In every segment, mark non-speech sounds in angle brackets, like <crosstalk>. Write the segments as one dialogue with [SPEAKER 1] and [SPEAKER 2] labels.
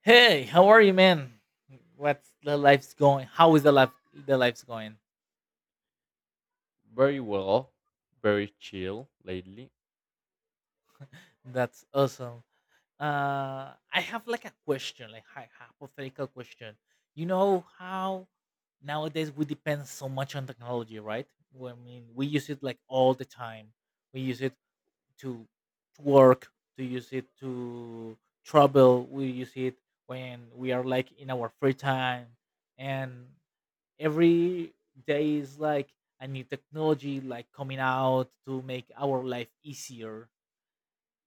[SPEAKER 1] Hey, how are you, man? What's the life's going? How is the life? The life's going.
[SPEAKER 2] Very well, very chill lately.
[SPEAKER 1] That's awesome. I have like a question, like hypothetical question. You know how nowadays we depend so much on technology, right? Well, I mean, we use it like all the time. We use it to to work, to use it to travel. We use it when we are like in our free time, and every day is like a new technology like coming out to make our life easier.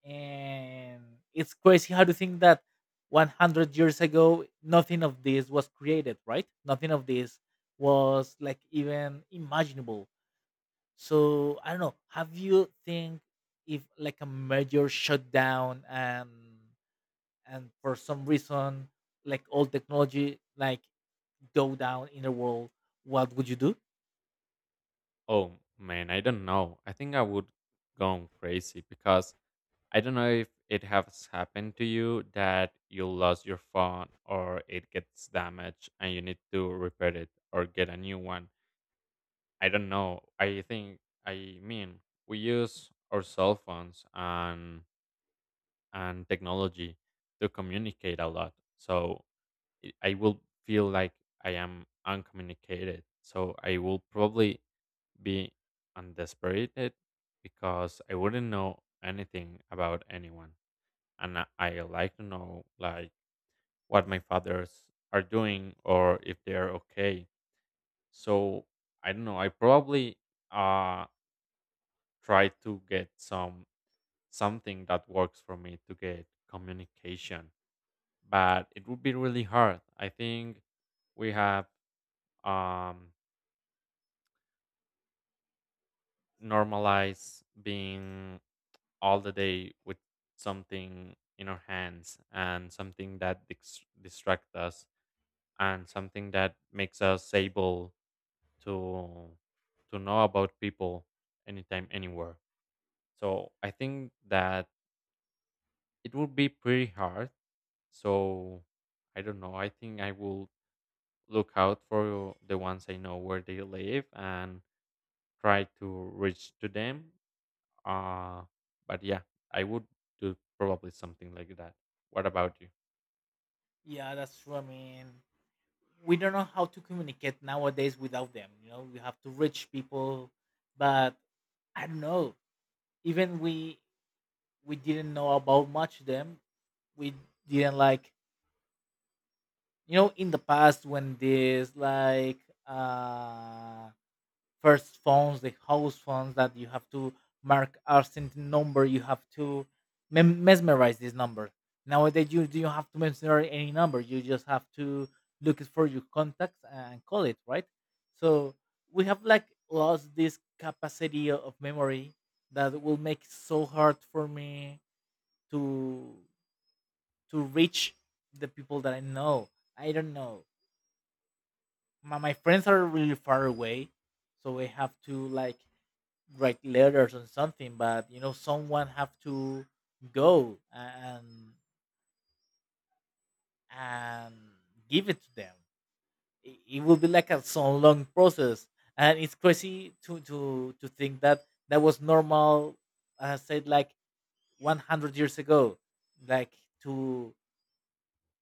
[SPEAKER 1] And it's crazy how to think that 100 years ago nothing of this was created, right? Nothing of this was like even imaginable. So I don't know, have you think if like a major shutdown and for some reason like all technology like go down in the world, what would you do?
[SPEAKER 2] Oh man, I don't know. I think I would go crazy because I don't know if it has happened to you that you lost your phone or it gets damaged and you need to repair it or get a new one. I don't know. I think I mean we use our cell phones and technology to communicate a lot. So I will feel like I am uncommunicated. So I will probably be undesperated because I wouldn't know anything about anyone. And I like to know like what my fathers are doing or if they're okay. So I don't know. I probably uh try to get something that works for me to get communication. But it would be really hard. I think we have um normalize being all the day with something in our hands and something that distract us and something that makes us able to know about people anytime anywhere. So I think that it would be pretty hard. So I don't know, I think I will look out for the ones I know where they live and try to reach to them. Uh, but yeah, I would do probably something like that. What about you?
[SPEAKER 1] Yeah, that's true. I mean, we don't know how to communicate nowadays without them. You know, we have to reach people, but I don't know. Even we didn't know about much them. We didn't like, you know, in the past when this like uh first phones, the house phones that you have to mark a certain number. You have to mesmerize this number. Nowadays, you do not have to mesmerize any number. You just have to look it for your contacts and call it, right? So we have like lost this capacity of memory that will make it so hard for me to to reach the people that I know. I don't know. My friends are really far away, so I have to like write letters or something, but you know someone have to go and give it to them. It will be like a so long process. And it's crazy to think that that was normal. I said like 100 years ago, like to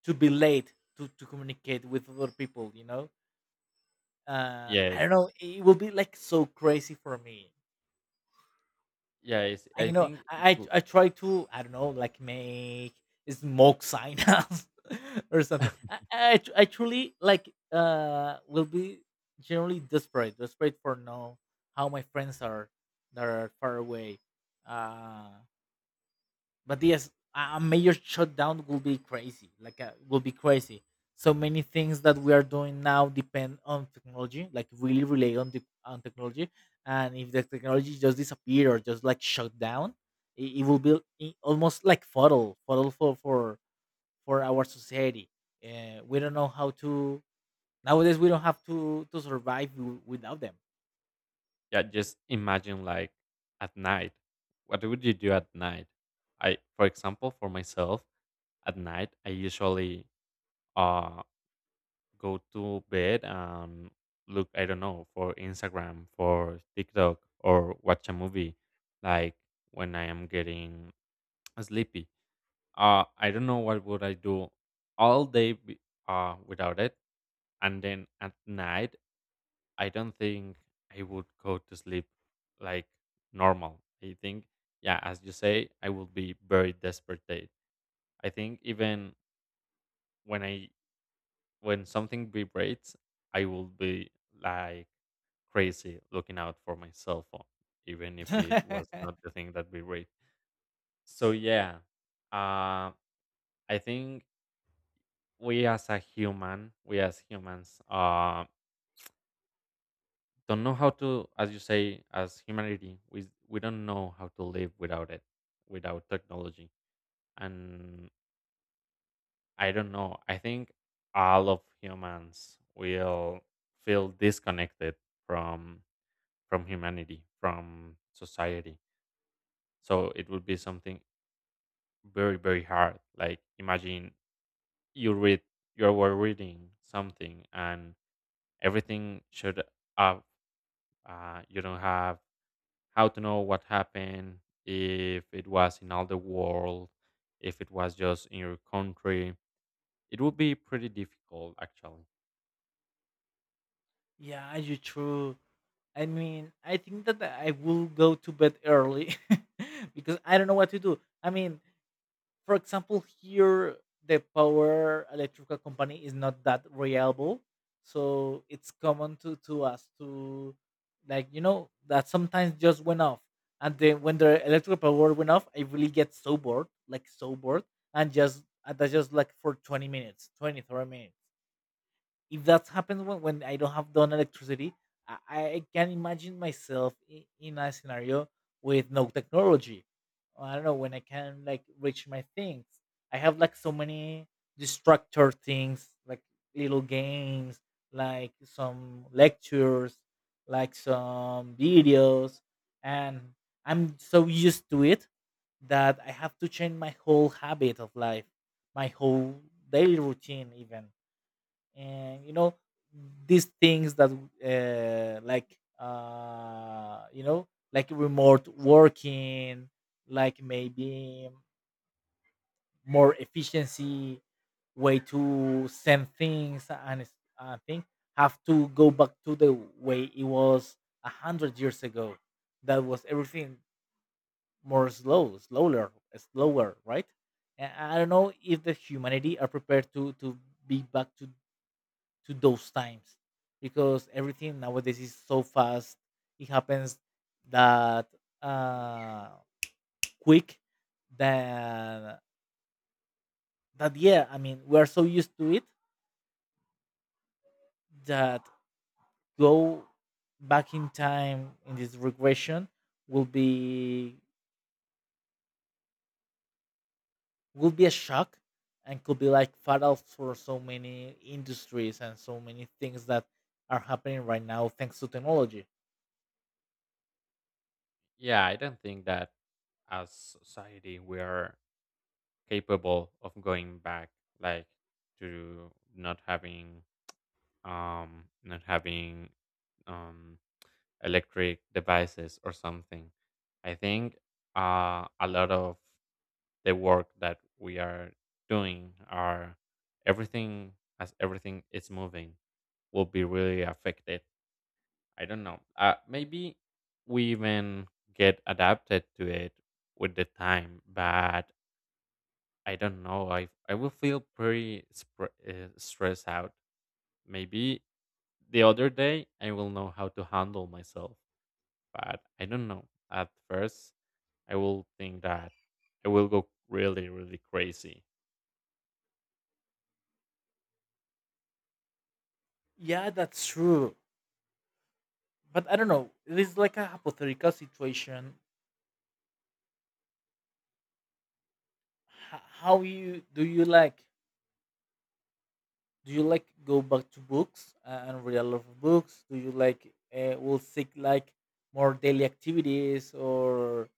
[SPEAKER 1] to be late to communicate with other people, you know. I
[SPEAKER 2] Yes.
[SPEAKER 1] don't know, it will be like so crazy for me.
[SPEAKER 2] Yeah, it's,
[SPEAKER 1] And,
[SPEAKER 2] I
[SPEAKER 1] you know,
[SPEAKER 2] think it
[SPEAKER 1] I I
[SPEAKER 2] would.
[SPEAKER 1] I try to, I don't know, like make smoke signals <laughs> or something.
[SPEAKER 2] <laughs>
[SPEAKER 1] I truly like will be generally desperate, desperate for know how my friends are that are far away. Uh but yes, a major shutdown will be crazy, like will be crazy. So many things that we are doing now depend on technology, like really rely on the on technology. And if the technology just disappear or just like shut down, it will be almost like fatal for our society. We don't know how to, nowadays we don't have to survive without them.
[SPEAKER 2] Yeah, just imagine like at night. What would you do at night? I, for example, for myself, at night I usually uh go to bed and look. I don't know, for Instagram, for TikTok, or watch a movie. Like when I am getting <tsk> sleepy. I don't know what would I do all day without it. And then at night, I don't think I would go to sleep like normal. I think, yeah, as you say, I would be very desperate. I think even when I when something vibrates, I will be like crazy looking out for my cell phone, even if it was not
[SPEAKER 1] <laughs>
[SPEAKER 2] the thing that vibrates. So yeah, uh, I think we as humans, don't know how to, as you say, as humanity, we don't know how to live without it, without technology. And I don't know. I think all of humans will feel disconnected from humanity, from society. So it would be something very very hard. Like imagine you read you were reading something and everything should uh, you don't have how to know what happened, if it was in all the world, if it was just in your country. It would be pretty difficult, actually.
[SPEAKER 1] Yeah, you're true. I mean, I think that I will go to bed early <laughs> because I don't know what to do. I mean, for example, here the power electrical company is not that reliable, so it's common to us to, like, you know, that sometimes just went off, and then when the electrical power went off, I really get so bored, like so bored. And just and that's just like for 20 minutes, 20, 30 minutes. If that's happened when I don't have done electricity, I can imagine myself in a scenario with no technology. I don't know when I can like reach my things. I have like so many distractor things, like little games, like some lectures, like some videos, and I'm so used to it that I have to change my whole habit of life, my whole daily routine even. And you know these things that you know, like remote working, like maybe more efficiency way to send things and thing have to go back to the way it was 100 years ago. That was everything more slower, slower, right? And I don't know if the humanity are prepared to be back to those times because everything nowadays is so fast. It happens that uh, quick that that yeah. I mean, we are so used to it that go back in time in this regression will be will be a shock. And could be like fatal for so many industries and so many things that are happening right now thanks to technology.
[SPEAKER 2] Yeah, I don't think that as society we are capable of going back, like to not having not having um electric devices or something. I think a lot of the work that we are doing are everything as everything is moving will be really affected. I don't know, maybe we even get adapted to it with the time, but I don't know, I will feel pretty stressed out. Maybe the other day I will know how to handle myself, but I don't know, at first I will think that I will go really, really crazy.
[SPEAKER 1] Yeah, that's true. But I don't know. It is like a hypothetical situation. H- how you do you like? Do you like go back to books and read a lot of books? Do you like will seek like more daily activities or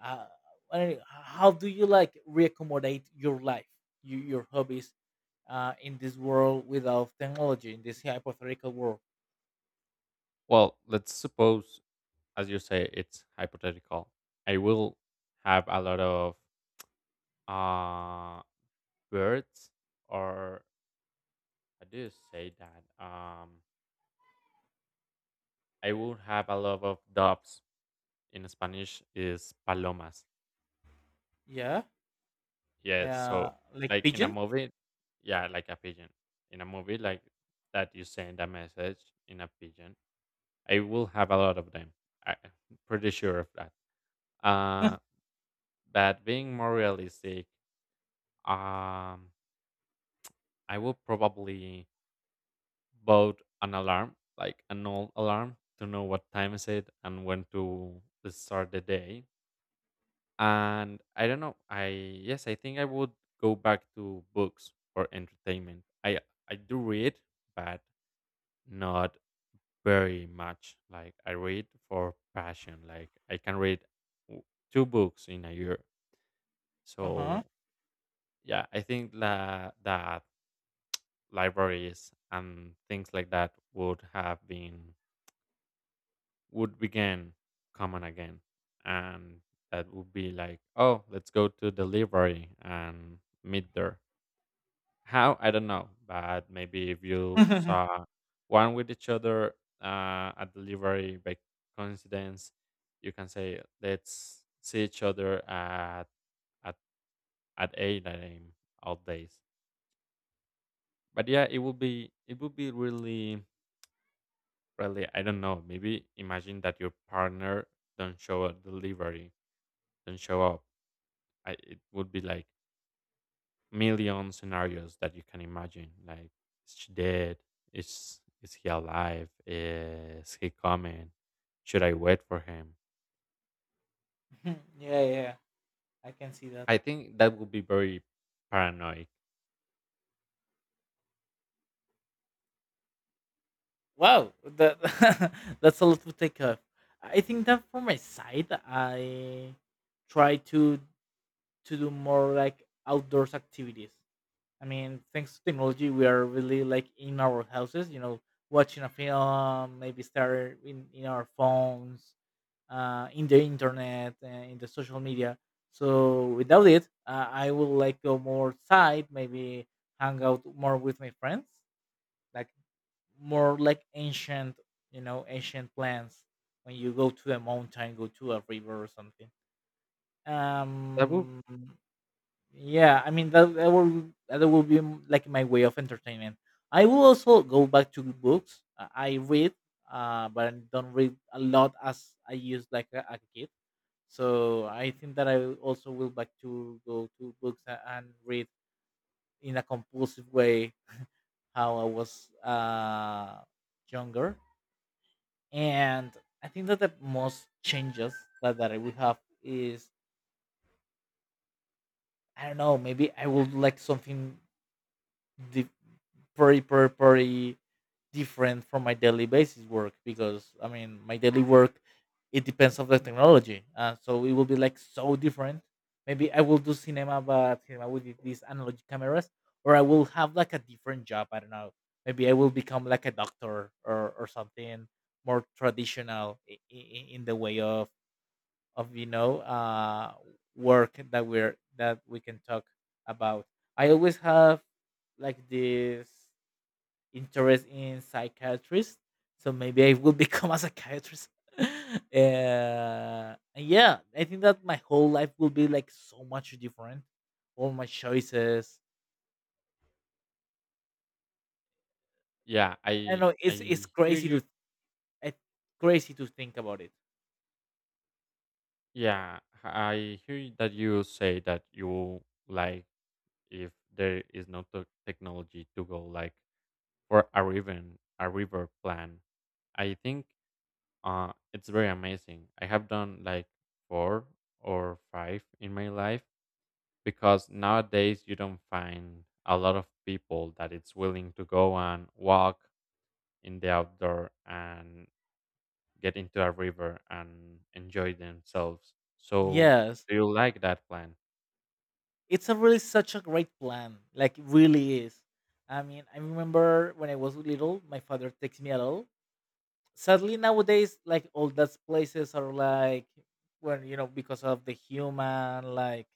[SPEAKER 1] uh, I don't know, how do you like reaccommodate your life, you, your hobbies, in this world without technology in this hypothetical world?
[SPEAKER 2] Well, let's suppose, as you say, it's hypothetical. I will have a lot of uh, birds, or how do you say that? I will have a lot of doves. In Spanish, is palomas.
[SPEAKER 1] Yeah,
[SPEAKER 2] Yeah. So,
[SPEAKER 1] like
[SPEAKER 2] like in a
[SPEAKER 1] pigeon.
[SPEAKER 2] movie, yeah, like a pigeon. In a movie, like that, you send a message in a pigeon. I will have a lot of them. Am pretty sure of that. Uh,
[SPEAKER 1] <laughs>
[SPEAKER 2] but being more realistic, um, I will probably bought an alarm, like an old alarm, to know what time is it and when to start the day. And I don't know. I Yes, I think I would go back to books for entertainment. I do read, but not very much. Like I read for passion. Like I can read w- two books in a year.
[SPEAKER 1] Uh huh.
[SPEAKER 2] So yeah, I think that libraries and things like that would have been would begin common again, and that would be like, oh, let's go to delivery and meet there, how I don't know, but maybe if
[SPEAKER 1] <laughs>
[SPEAKER 2] you
[SPEAKER 1] yeah,
[SPEAKER 2] saw one with each other, at delivery by coincidence, you can say let's see each other at at, at 8 a.m. all days. But yeah, it would be, it would be really really, I don't know, maybe imagine that your partner don't show a delivery don't show up. It would be like million scenarios that you can imagine. Like, is she dead? Is he alive? Is he coming? Should I wait for him?
[SPEAKER 1] yeah, I can see that.
[SPEAKER 2] I think that would be very paranoid.
[SPEAKER 1] Wow, that <laughs> that's a lot to take off. I think that for my side, I try to do more like outdoors activities. I mean, thanks to technology, we are really like in our houses, you know, watching a film, maybe start in our phones, in the internet, in the social media. So without it, I will like go more outside, maybe hang out more with my friends, like more like ancient, you know, ancient plants when you go to a mountain, go to a river or something.
[SPEAKER 2] That would,
[SPEAKER 1] Um, yeah, I mean that will be like my way of entertainment. I will also go back to books. I read, but I don't read a lot as I used like a kid. So I think that also will back to go to books and read in a compulsive way how I was younger. And I think that the most changes that I would have is I don't know, maybe I would like something di- very, very, very different from my daily basis work because I mean my daily work it depends on the technology. So it will be like so different. Maybe I will do cinema but cinema with these analog cameras or I will have like a different job. I don't know. Maybe I will become like a doctor or something more traditional in, in the way of you know work that we're that we can talk about. I always have like this interest in psychiatrists, so maybe I will <laughs> become a psychiatrist. <laughs> uh, and yeah, I think that my whole life will be like so much different. All my choices.
[SPEAKER 2] yeah.
[SPEAKER 1] I don't
[SPEAKER 2] I
[SPEAKER 1] know. It's
[SPEAKER 2] I hear
[SPEAKER 1] crazy
[SPEAKER 2] you.
[SPEAKER 1] to it's crazy to think about it.
[SPEAKER 2] Yeah, I hear you that you say that you like, if there is no technology, to go like for a river plan. I think it's very amazing. I have done like four or five in my life, because nowadays you don't find a lot of people that it's willing to go and walk in the outdoor and get into a river and enjoy themselves. So
[SPEAKER 1] Yes.
[SPEAKER 2] do you like that plan?
[SPEAKER 1] It's a really such a great plan. Like it really is. I mean, I remember when I was little, my father takes me at all. Sadly, nowadays, like all those places are like, well, you know, because of the human like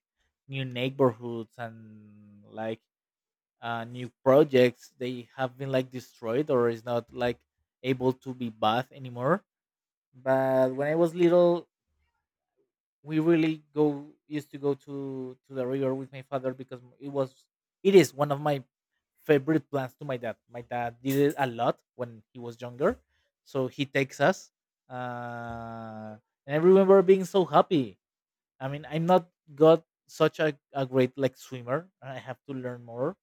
[SPEAKER 1] new neighborhoods and like new projects, they have been like destroyed or is not like able to be bathed anymore. But when I was little, we really go used to go to the river with my father, because it was, it is one of my favorite plans to my dad. My dad did it a lot when he was younger, so he takes us. uh and I remember being so happy. I mean, I'm not got such a great like swimmer. I have to learn more,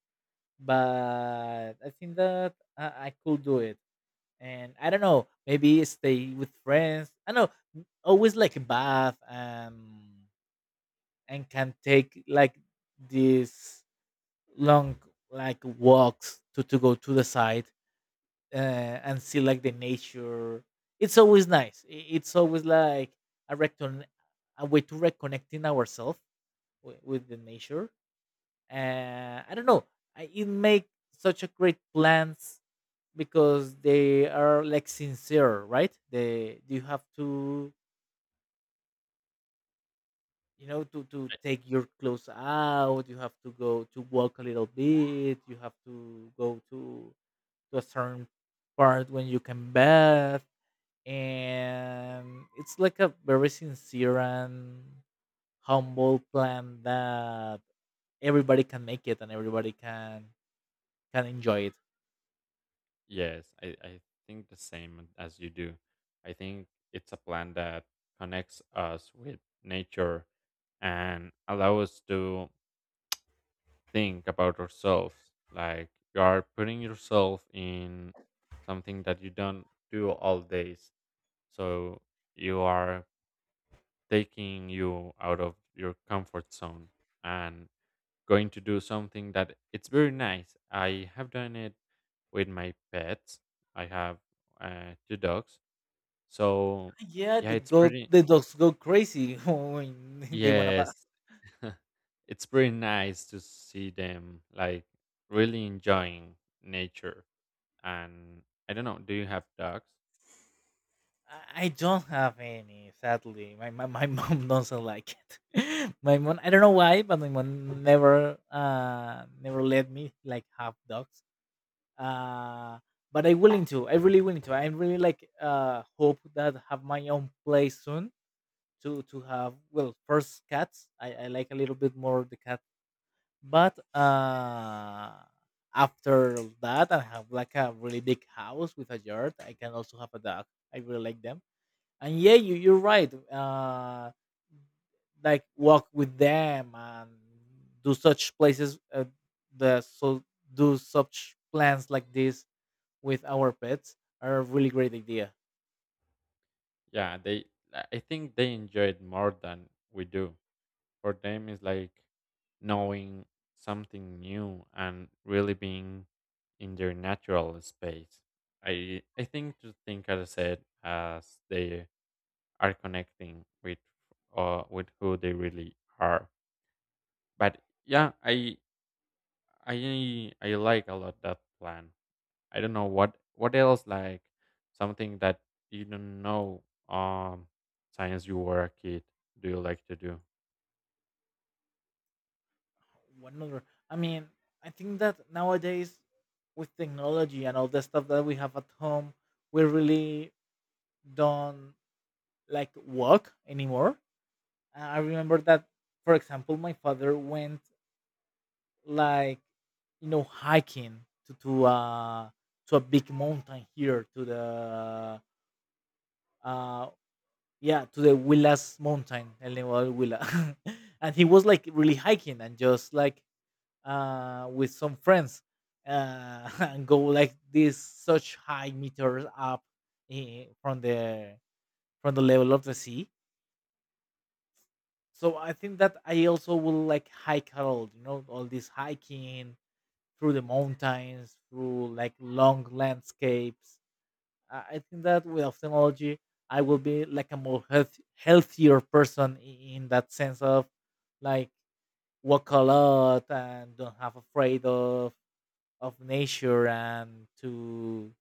[SPEAKER 1] but I think that I could do it. And I don't know, maybe stay with friends I know always like bath. And can take like these long like walks to go to the side, uh, and see like the nature. It's always nice. It's always like a, recon- a way to reconnecting ourselves with the nature. I don't know. It make such a great plans because they are like sincere, right? They, you have to, you know, to
[SPEAKER 2] I-
[SPEAKER 1] take your clothes out. You have to go to walk a little bit. You have to go to a certain part when you can bath. And it's like a very sincere and humble plan that everybody can make it and everybody can enjoy it.
[SPEAKER 2] Yes, I think the same as you do. I think it's a plan that connects us with nature and allow us to think about ourselves. Like you are putting yourself in something that you don't do all days. So you are taking you out of your comfort zone and going to do something that it's very nice. I have done it with my pets. I have two dogs. So
[SPEAKER 1] Yeah,
[SPEAKER 2] yeah,
[SPEAKER 1] the
[SPEAKER 2] it's
[SPEAKER 1] go
[SPEAKER 2] pretty.
[SPEAKER 1] the dogs go crazy <laughs> when they want to.
[SPEAKER 2] Yes, <laughs> it's pretty nice to see them like really enjoying nature. And I don't know. Do you have dogs?
[SPEAKER 1] I don't have any, sadly. My <laughs> mom doesn't like it. <laughs> My mom, I don't know why, but my mom never never let me like have dogs. Uh, but I'm willing to. I really willing to. I really like hope that have my own place soon to have, well, first cats. I like a little bit more the cat, but after that I have like a really big house with a yard. I can also have a dog. I really like them, and yeah, you're right. Like walk with them and do such places, the so do such plans like this with our pets are a really great idea.
[SPEAKER 2] Yeah, they. I think they enjoy it more than we do. For them, it's like knowing something new and really being in their natural space. I think to think, as I said, as they are connecting with who they really are. But yeah, I like a lot that plan. I don't know what else, like something that you don't know um since you were a kid, do you like to do?
[SPEAKER 1] One other i mean, I think that nowadays, with technology and all the stuff that we have at home, we really don't like walk anymore. I remember that, for example, my father went, like, you know, hiking to a big mountain here to the uh yeah, to the Willas mountain, El Nevado del Huila. <laughs> And he was like really hiking and just like with some friends, <laughs> and go like this such high meters up, eh, from the from the level of the sea. So I think that I also will like hike a lot, you know, all this hiking through the mountains, through like long landscapes. I think that with technology, I will be like a more healthier person in that sense of, like, walk a lot and don't have afraid of nature and to,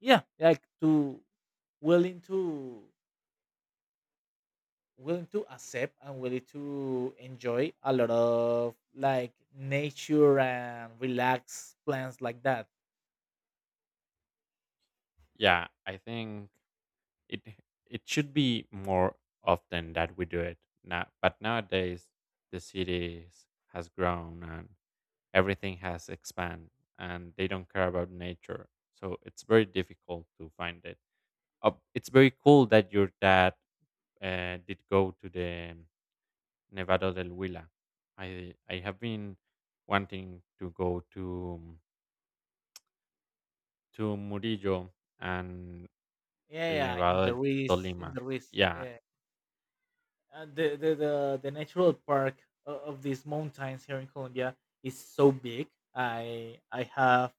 [SPEAKER 1] yeah, like to willing to willing to accept and willing to enjoy a lot of like nature and relax plans like that.
[SPEAKER 2] Yeah, I think it it should be more often that we do it now. But nowadays the cities has grown and everything has expanded and they don't care about nature. So it's very difficult to find it. It's very cool that your dad did go to the Nevado del Huila. I have been wanting to go to Murillo and
[SPEAKER 1] Yeah,
[SPEAKER 2] El
[SPEAKER 1] yeah, yeah,
[SPEAKER 2] Nevado del
[SPEAKER 1] In
[SPEAKER 2] Tolima.
[SPEAKER 1] the Ruiz,
[SPEAKER 2] Yeah,
[SPEAKER 1] yeah. And the natural park of these mountains here in Colombia is so big. I I have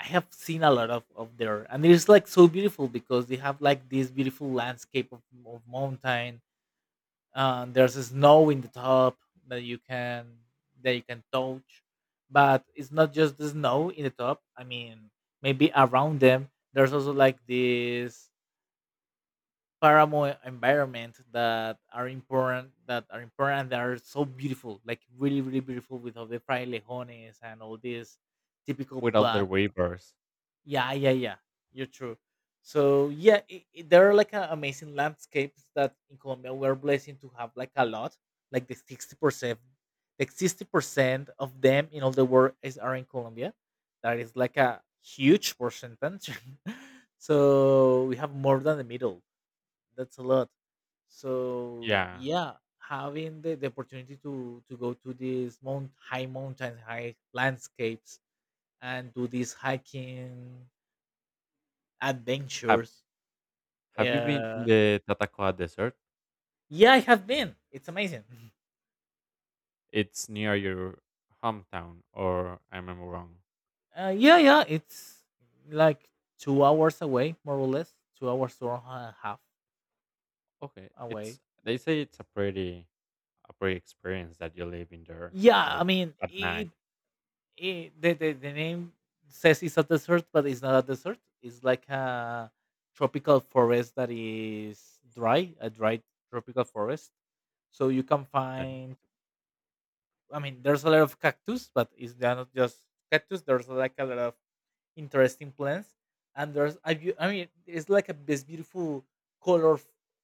[SPEAKER 1] I have seen a lot of there, and it's like so beautiful because they have like this beautiful landscape of mountain. And there's a snow in the top that you can touch. But it's not just the snow in the top. I mean, maybe around them, there's also like this paramo environment that are important, that are so beautiful, like really, really beautiful, with all the frailejones and all these typical
[SPEAKER 2] without the
[SPEAKER 1] plants.
[SPEAKER 2] rivers.
[SPEAKER 1] Yeah, yeah, yeah, you're true. So yeah, there are like a, amazing landscapes that in Colombia we're blessed to have like a lot, like the 60%, like 60% of them in all the world is are in Colombia. That is like a huge percentage. <laughs> So we have more than the middle. That's a lot. So
[SPEAKER 2] Yeah.
[SPEAKER 1] yeah, having the opportunity to go to these mount high mountains, high landscapes, and do these hiking
[SPEAKER 2] Have
[SPEAKER 1] adventures.
[SPEAKER 2] Have you been in
[SPEAKER 1] uh
[SPEAKER 2] the Tatacoa Desert?
[SPEAKER 1] yeah, I have been. It's amazing.
[SPEAKER 2] It's near your hometown, or am I wrong?
[SPEAKER 1] Yeah, yeah, it's like 2 hours away, more or less. 2 hours or a half
[SPEAKER 2] Okay,
[SPEAKER 1] away.
[SPEAKER 2] it's they say it's a pretty experience that you live in there,
[SPEAKER 1] Yeah, I
[SPEAKER 2] like
[SPEAKER 1] mean
[SPEAKER 2] at
[SPEAKER 1] it.
[SPEAKER 2] night.
[SPEAKER 1] The name says it's a desert, but it's not a desert. It's like a tropical forest that is dry, a dry tropical forest. So you can
[SPEAKER 2] Okay,
[SPEAKER 1] find. I mean, there's a lot of cactus, but it's they're not just cactus. There's like a lot of interesting plants, and I mean it's like a this beautiful color,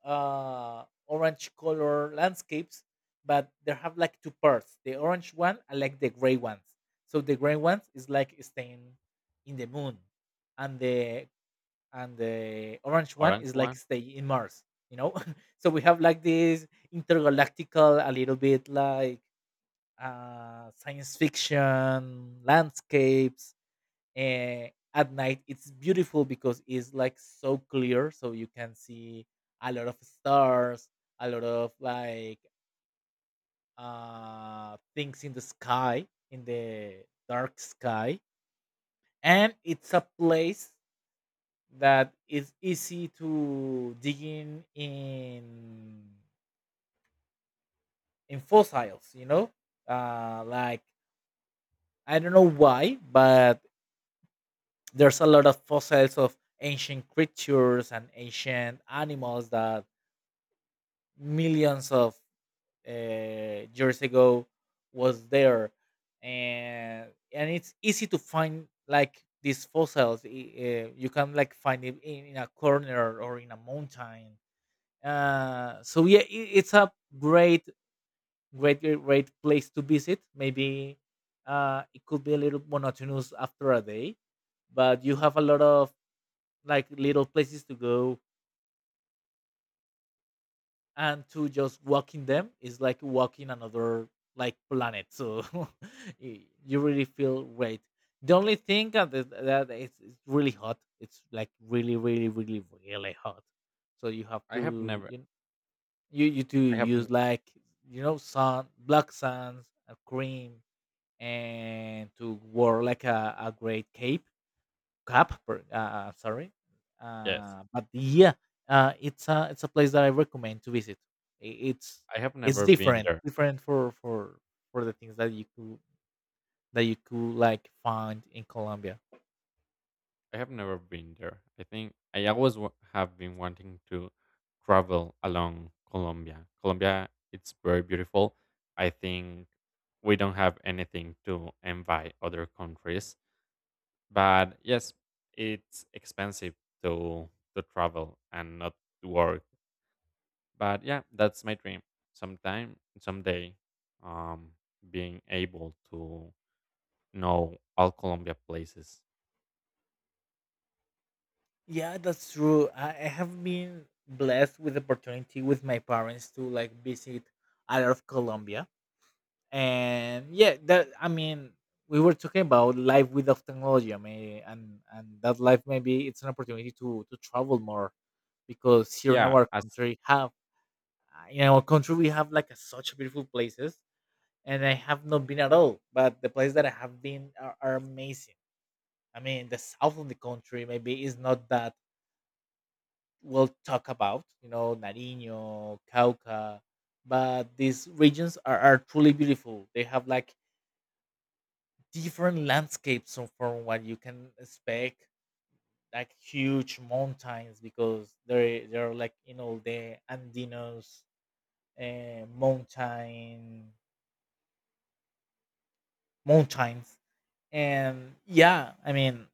[SPEAKER 1] orange color landscapes. But they have like two parts, the orange one and like the gray ones. So the gray ones is like staying in the moon, and the orange one
[SPEAKER 2] orange
[SPEAKER 1] is like
[SPEAKER 2] one.
[SPEAKER 1] stay in Mars, you know. <laughs> So we have like this intergalactical, a little bit like, science fiction landscapes. uh, at night it's beautiful because it's like so clear, so you can see a lot of stars, a lot of like things in the sky, in the dark sky. And it's a place that is easy to dig in fossils, you know. Like, I don't know why, but there's a lot of fossils of ancient creatures and ancient animals that millions of, years ago, was there. And it's easy to find like these fossils. You can like find it in a corner or in a mountain. So yeah, it, it's a great great place to visit. Maybe, it could be a little monotonous after a day, but you have a lot of like little places to go, and to just walking them is like walking another, like, planet. So <laughs> you really feel great. The only thing that, that it's really hot. It's like really, really, really, really hot. So you have
[SPEAKER 2] I have
[SPEAKER 1] to
[SPEAKER 2] never.
[SPEAKER 1] you, you to
[SPEAKER 2] I haven't.
[SPEAKER 1] use, like, you know, sun black suns a cream, and to wear like a great cape. Cap, sorry.
[SPEAKER 2] Yes.
[SPEAKER 1] But yeah, it's a place that I recommend to visit. I- It's
[SPEAKER 2] I have
[SPEAKER 1] it's
[SPEAKER 2] never been
[SPEAKER 1] different,
[SPEAKER 2] there.
[SPEAKER 1] different for the things that you could like find in Colombia.
[SPEAKER 2] I have never been there. I think I always have been wanting to travel along Colombia. Colombia, it's very beautiful. I think we don't have anything to envy other countries. But yes, it's expensive to travel and not to work. But yeah, that's my dream. Sometime, someday, um, being able to know all Colombia places.
[SPEAKER 1] Yeah, that's true. I have been blessed with the opportunity with my parents to like visit a lot of Colombia. And yeah, that, I mean, we were talking about life without technology. I mean, and that life maybe it's an opportunity to travel more, because here in
[SPEAKER 2] Yeah,
[SPEAKER 1] our
[SPEAKER 2] as
[SPEAKER 1] country have in our country we have like a, such beautiful places. And I have not been at all, but the places that I have been are amazing. I mean, the south of the country maybe is not that well talked about, you know, Nariño, Cauca. But these regions are truly beautiful. They have like different landscapes, so from what you can expect, like huge mountains, because they're like, you know, the Andinos uh, mountain mountains. And yeah, I mean,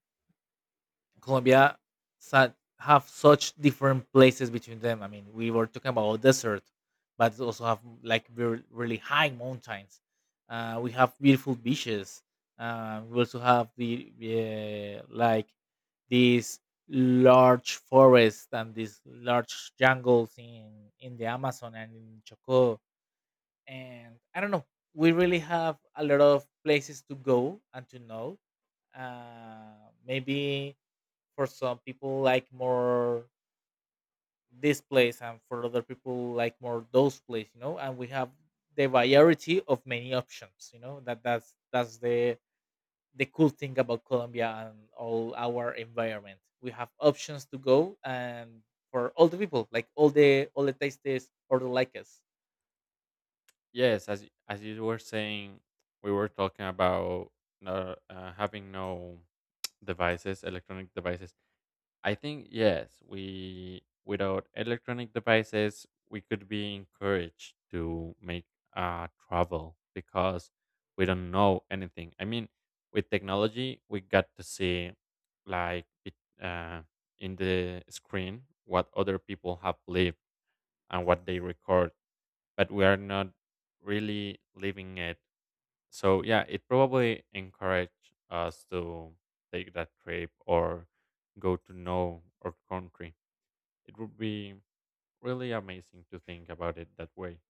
[SPEAKER 1] Colombia sa- have such different places between them. I mean, we were talking about desert, but also have like really high mountains. We have beautiful beaches. We also have the like these large forests and these large jungles in the Amazon and in Choco. And I don't know, we really have a lot of places to go and to know. Maybe for some people like more this place, and for other people like more those place, you know. And we have the variety of many options, you know. That that's the cool thing about Colombia, and all our environment we have options to go and for all the people, like all the tastes or the likes.
[SPEAKER 2] Yes, as as you were saying, we were talking about no, having no <tsk> devices, electronic devices. I think yes, we without electronic devices, we could be encouraged to make travel, because we don't know anything. I mean, with technology, we got to see like it, uh, in the screen what other people have lived and what they record, but we are not really living it. So yeah, it probably encouraged us to take that trip or go to know our country. It would be really amazing to think about it that way.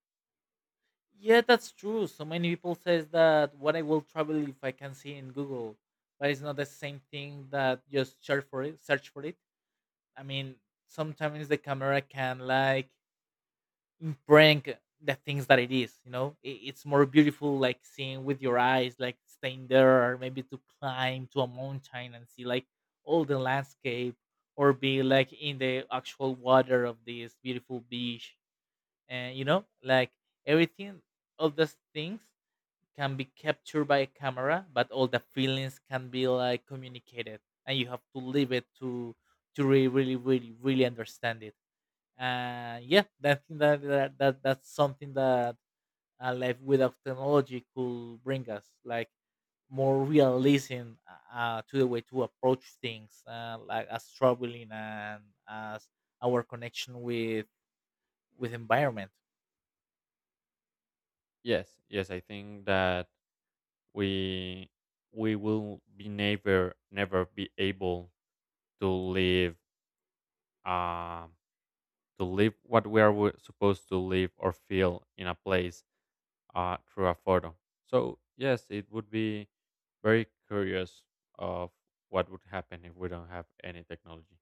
[SPEAKER 1] Yeah, that's true. So many people says that, what, I will travel if I can see in Google. But it's not the same thing that just search for it. I mean, sometimes the camera can like bring the things that it is. You know, it's more beautiful like seeing with your eyes, like staying there, or maybe to climb to a mountain and see like all the landscape, or be like in the actual water of this beautiful beach. And you know, like everything of those things can be captured by a camera, but all the feelings can be like communicated, and you have to live it to really, really, really, really understand it. And yeah, that's something that a life without technology could bring us, like, more realism, to the way to approach things, like as traveling and as our connection with environment.
[SPEAKER 2] Yes, yes, I think that we we will be never never be able to live um to live what we are supposed to live or feel in a place through a photo. So yes, it would be very curious of what would happen if we don't have any technology.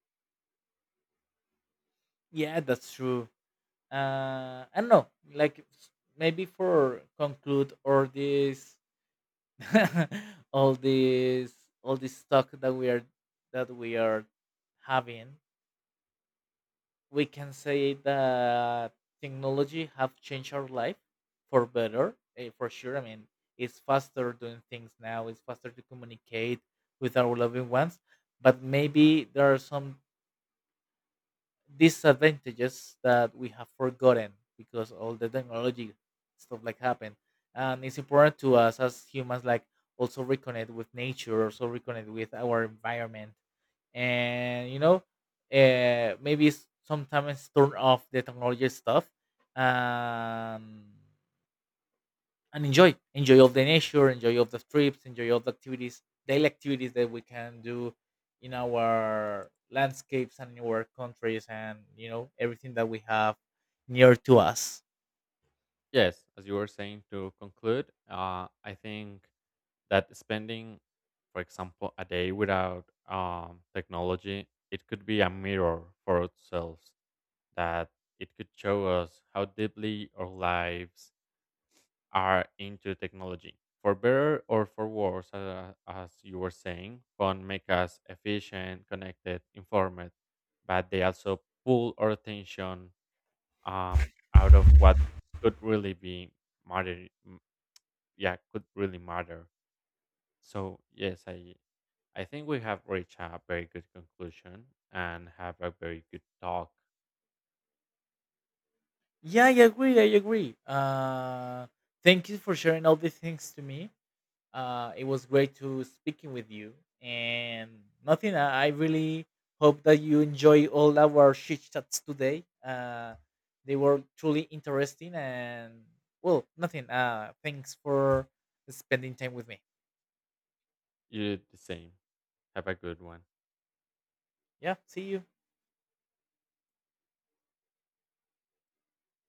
[SPEAKER 1] Yeah, that's true. I don't know, like maybe for conclude all this, <laughs> all this, all this talk that we are having. We can say that technology have changed our life for better, for sure. I mean, it's faster doing things now. It's faster to communicate with our loving ones. But maybe there are some disadvantages that we have forgotten, because all the technology stuff like happened. And it's important to us as humans, like, also reconnect with nature, also reconnect with our environment. And you know, maybe sometimes turn off the technology stuff, um and enjoy of the nature, enjoy of the trips, enjoy of the activities, daily activities that we can do in our landscapes and in our countries. And you know, everything that we have near to us.
[SPEAKER 2] Yes, as you were saying to conclude, I think that spending, for example, a day without technology, it could be a mirror for ourselves that it could show us how deeply our lives are into technology. For better or for worse, as you were saying, phone make us efficient, connected, informed, but they also pull our attention um, out of what could really be matter. Yeah, could really matter. So yes, I think we have reached a very good conclusion and have a very good talk.
[SPEAKER 1] Yeah, I agree, I agree. Thank you for sharing all these things to me. It was great to speaking with you, and nothing. I really hope that you enjoy all our chit chats today. They were truly interesting, and well, nothing. Thanks for spending time with me.
[SPEAKER 2] You did the same. Have a good one.
[SPEAKER 1] Yeah, see you.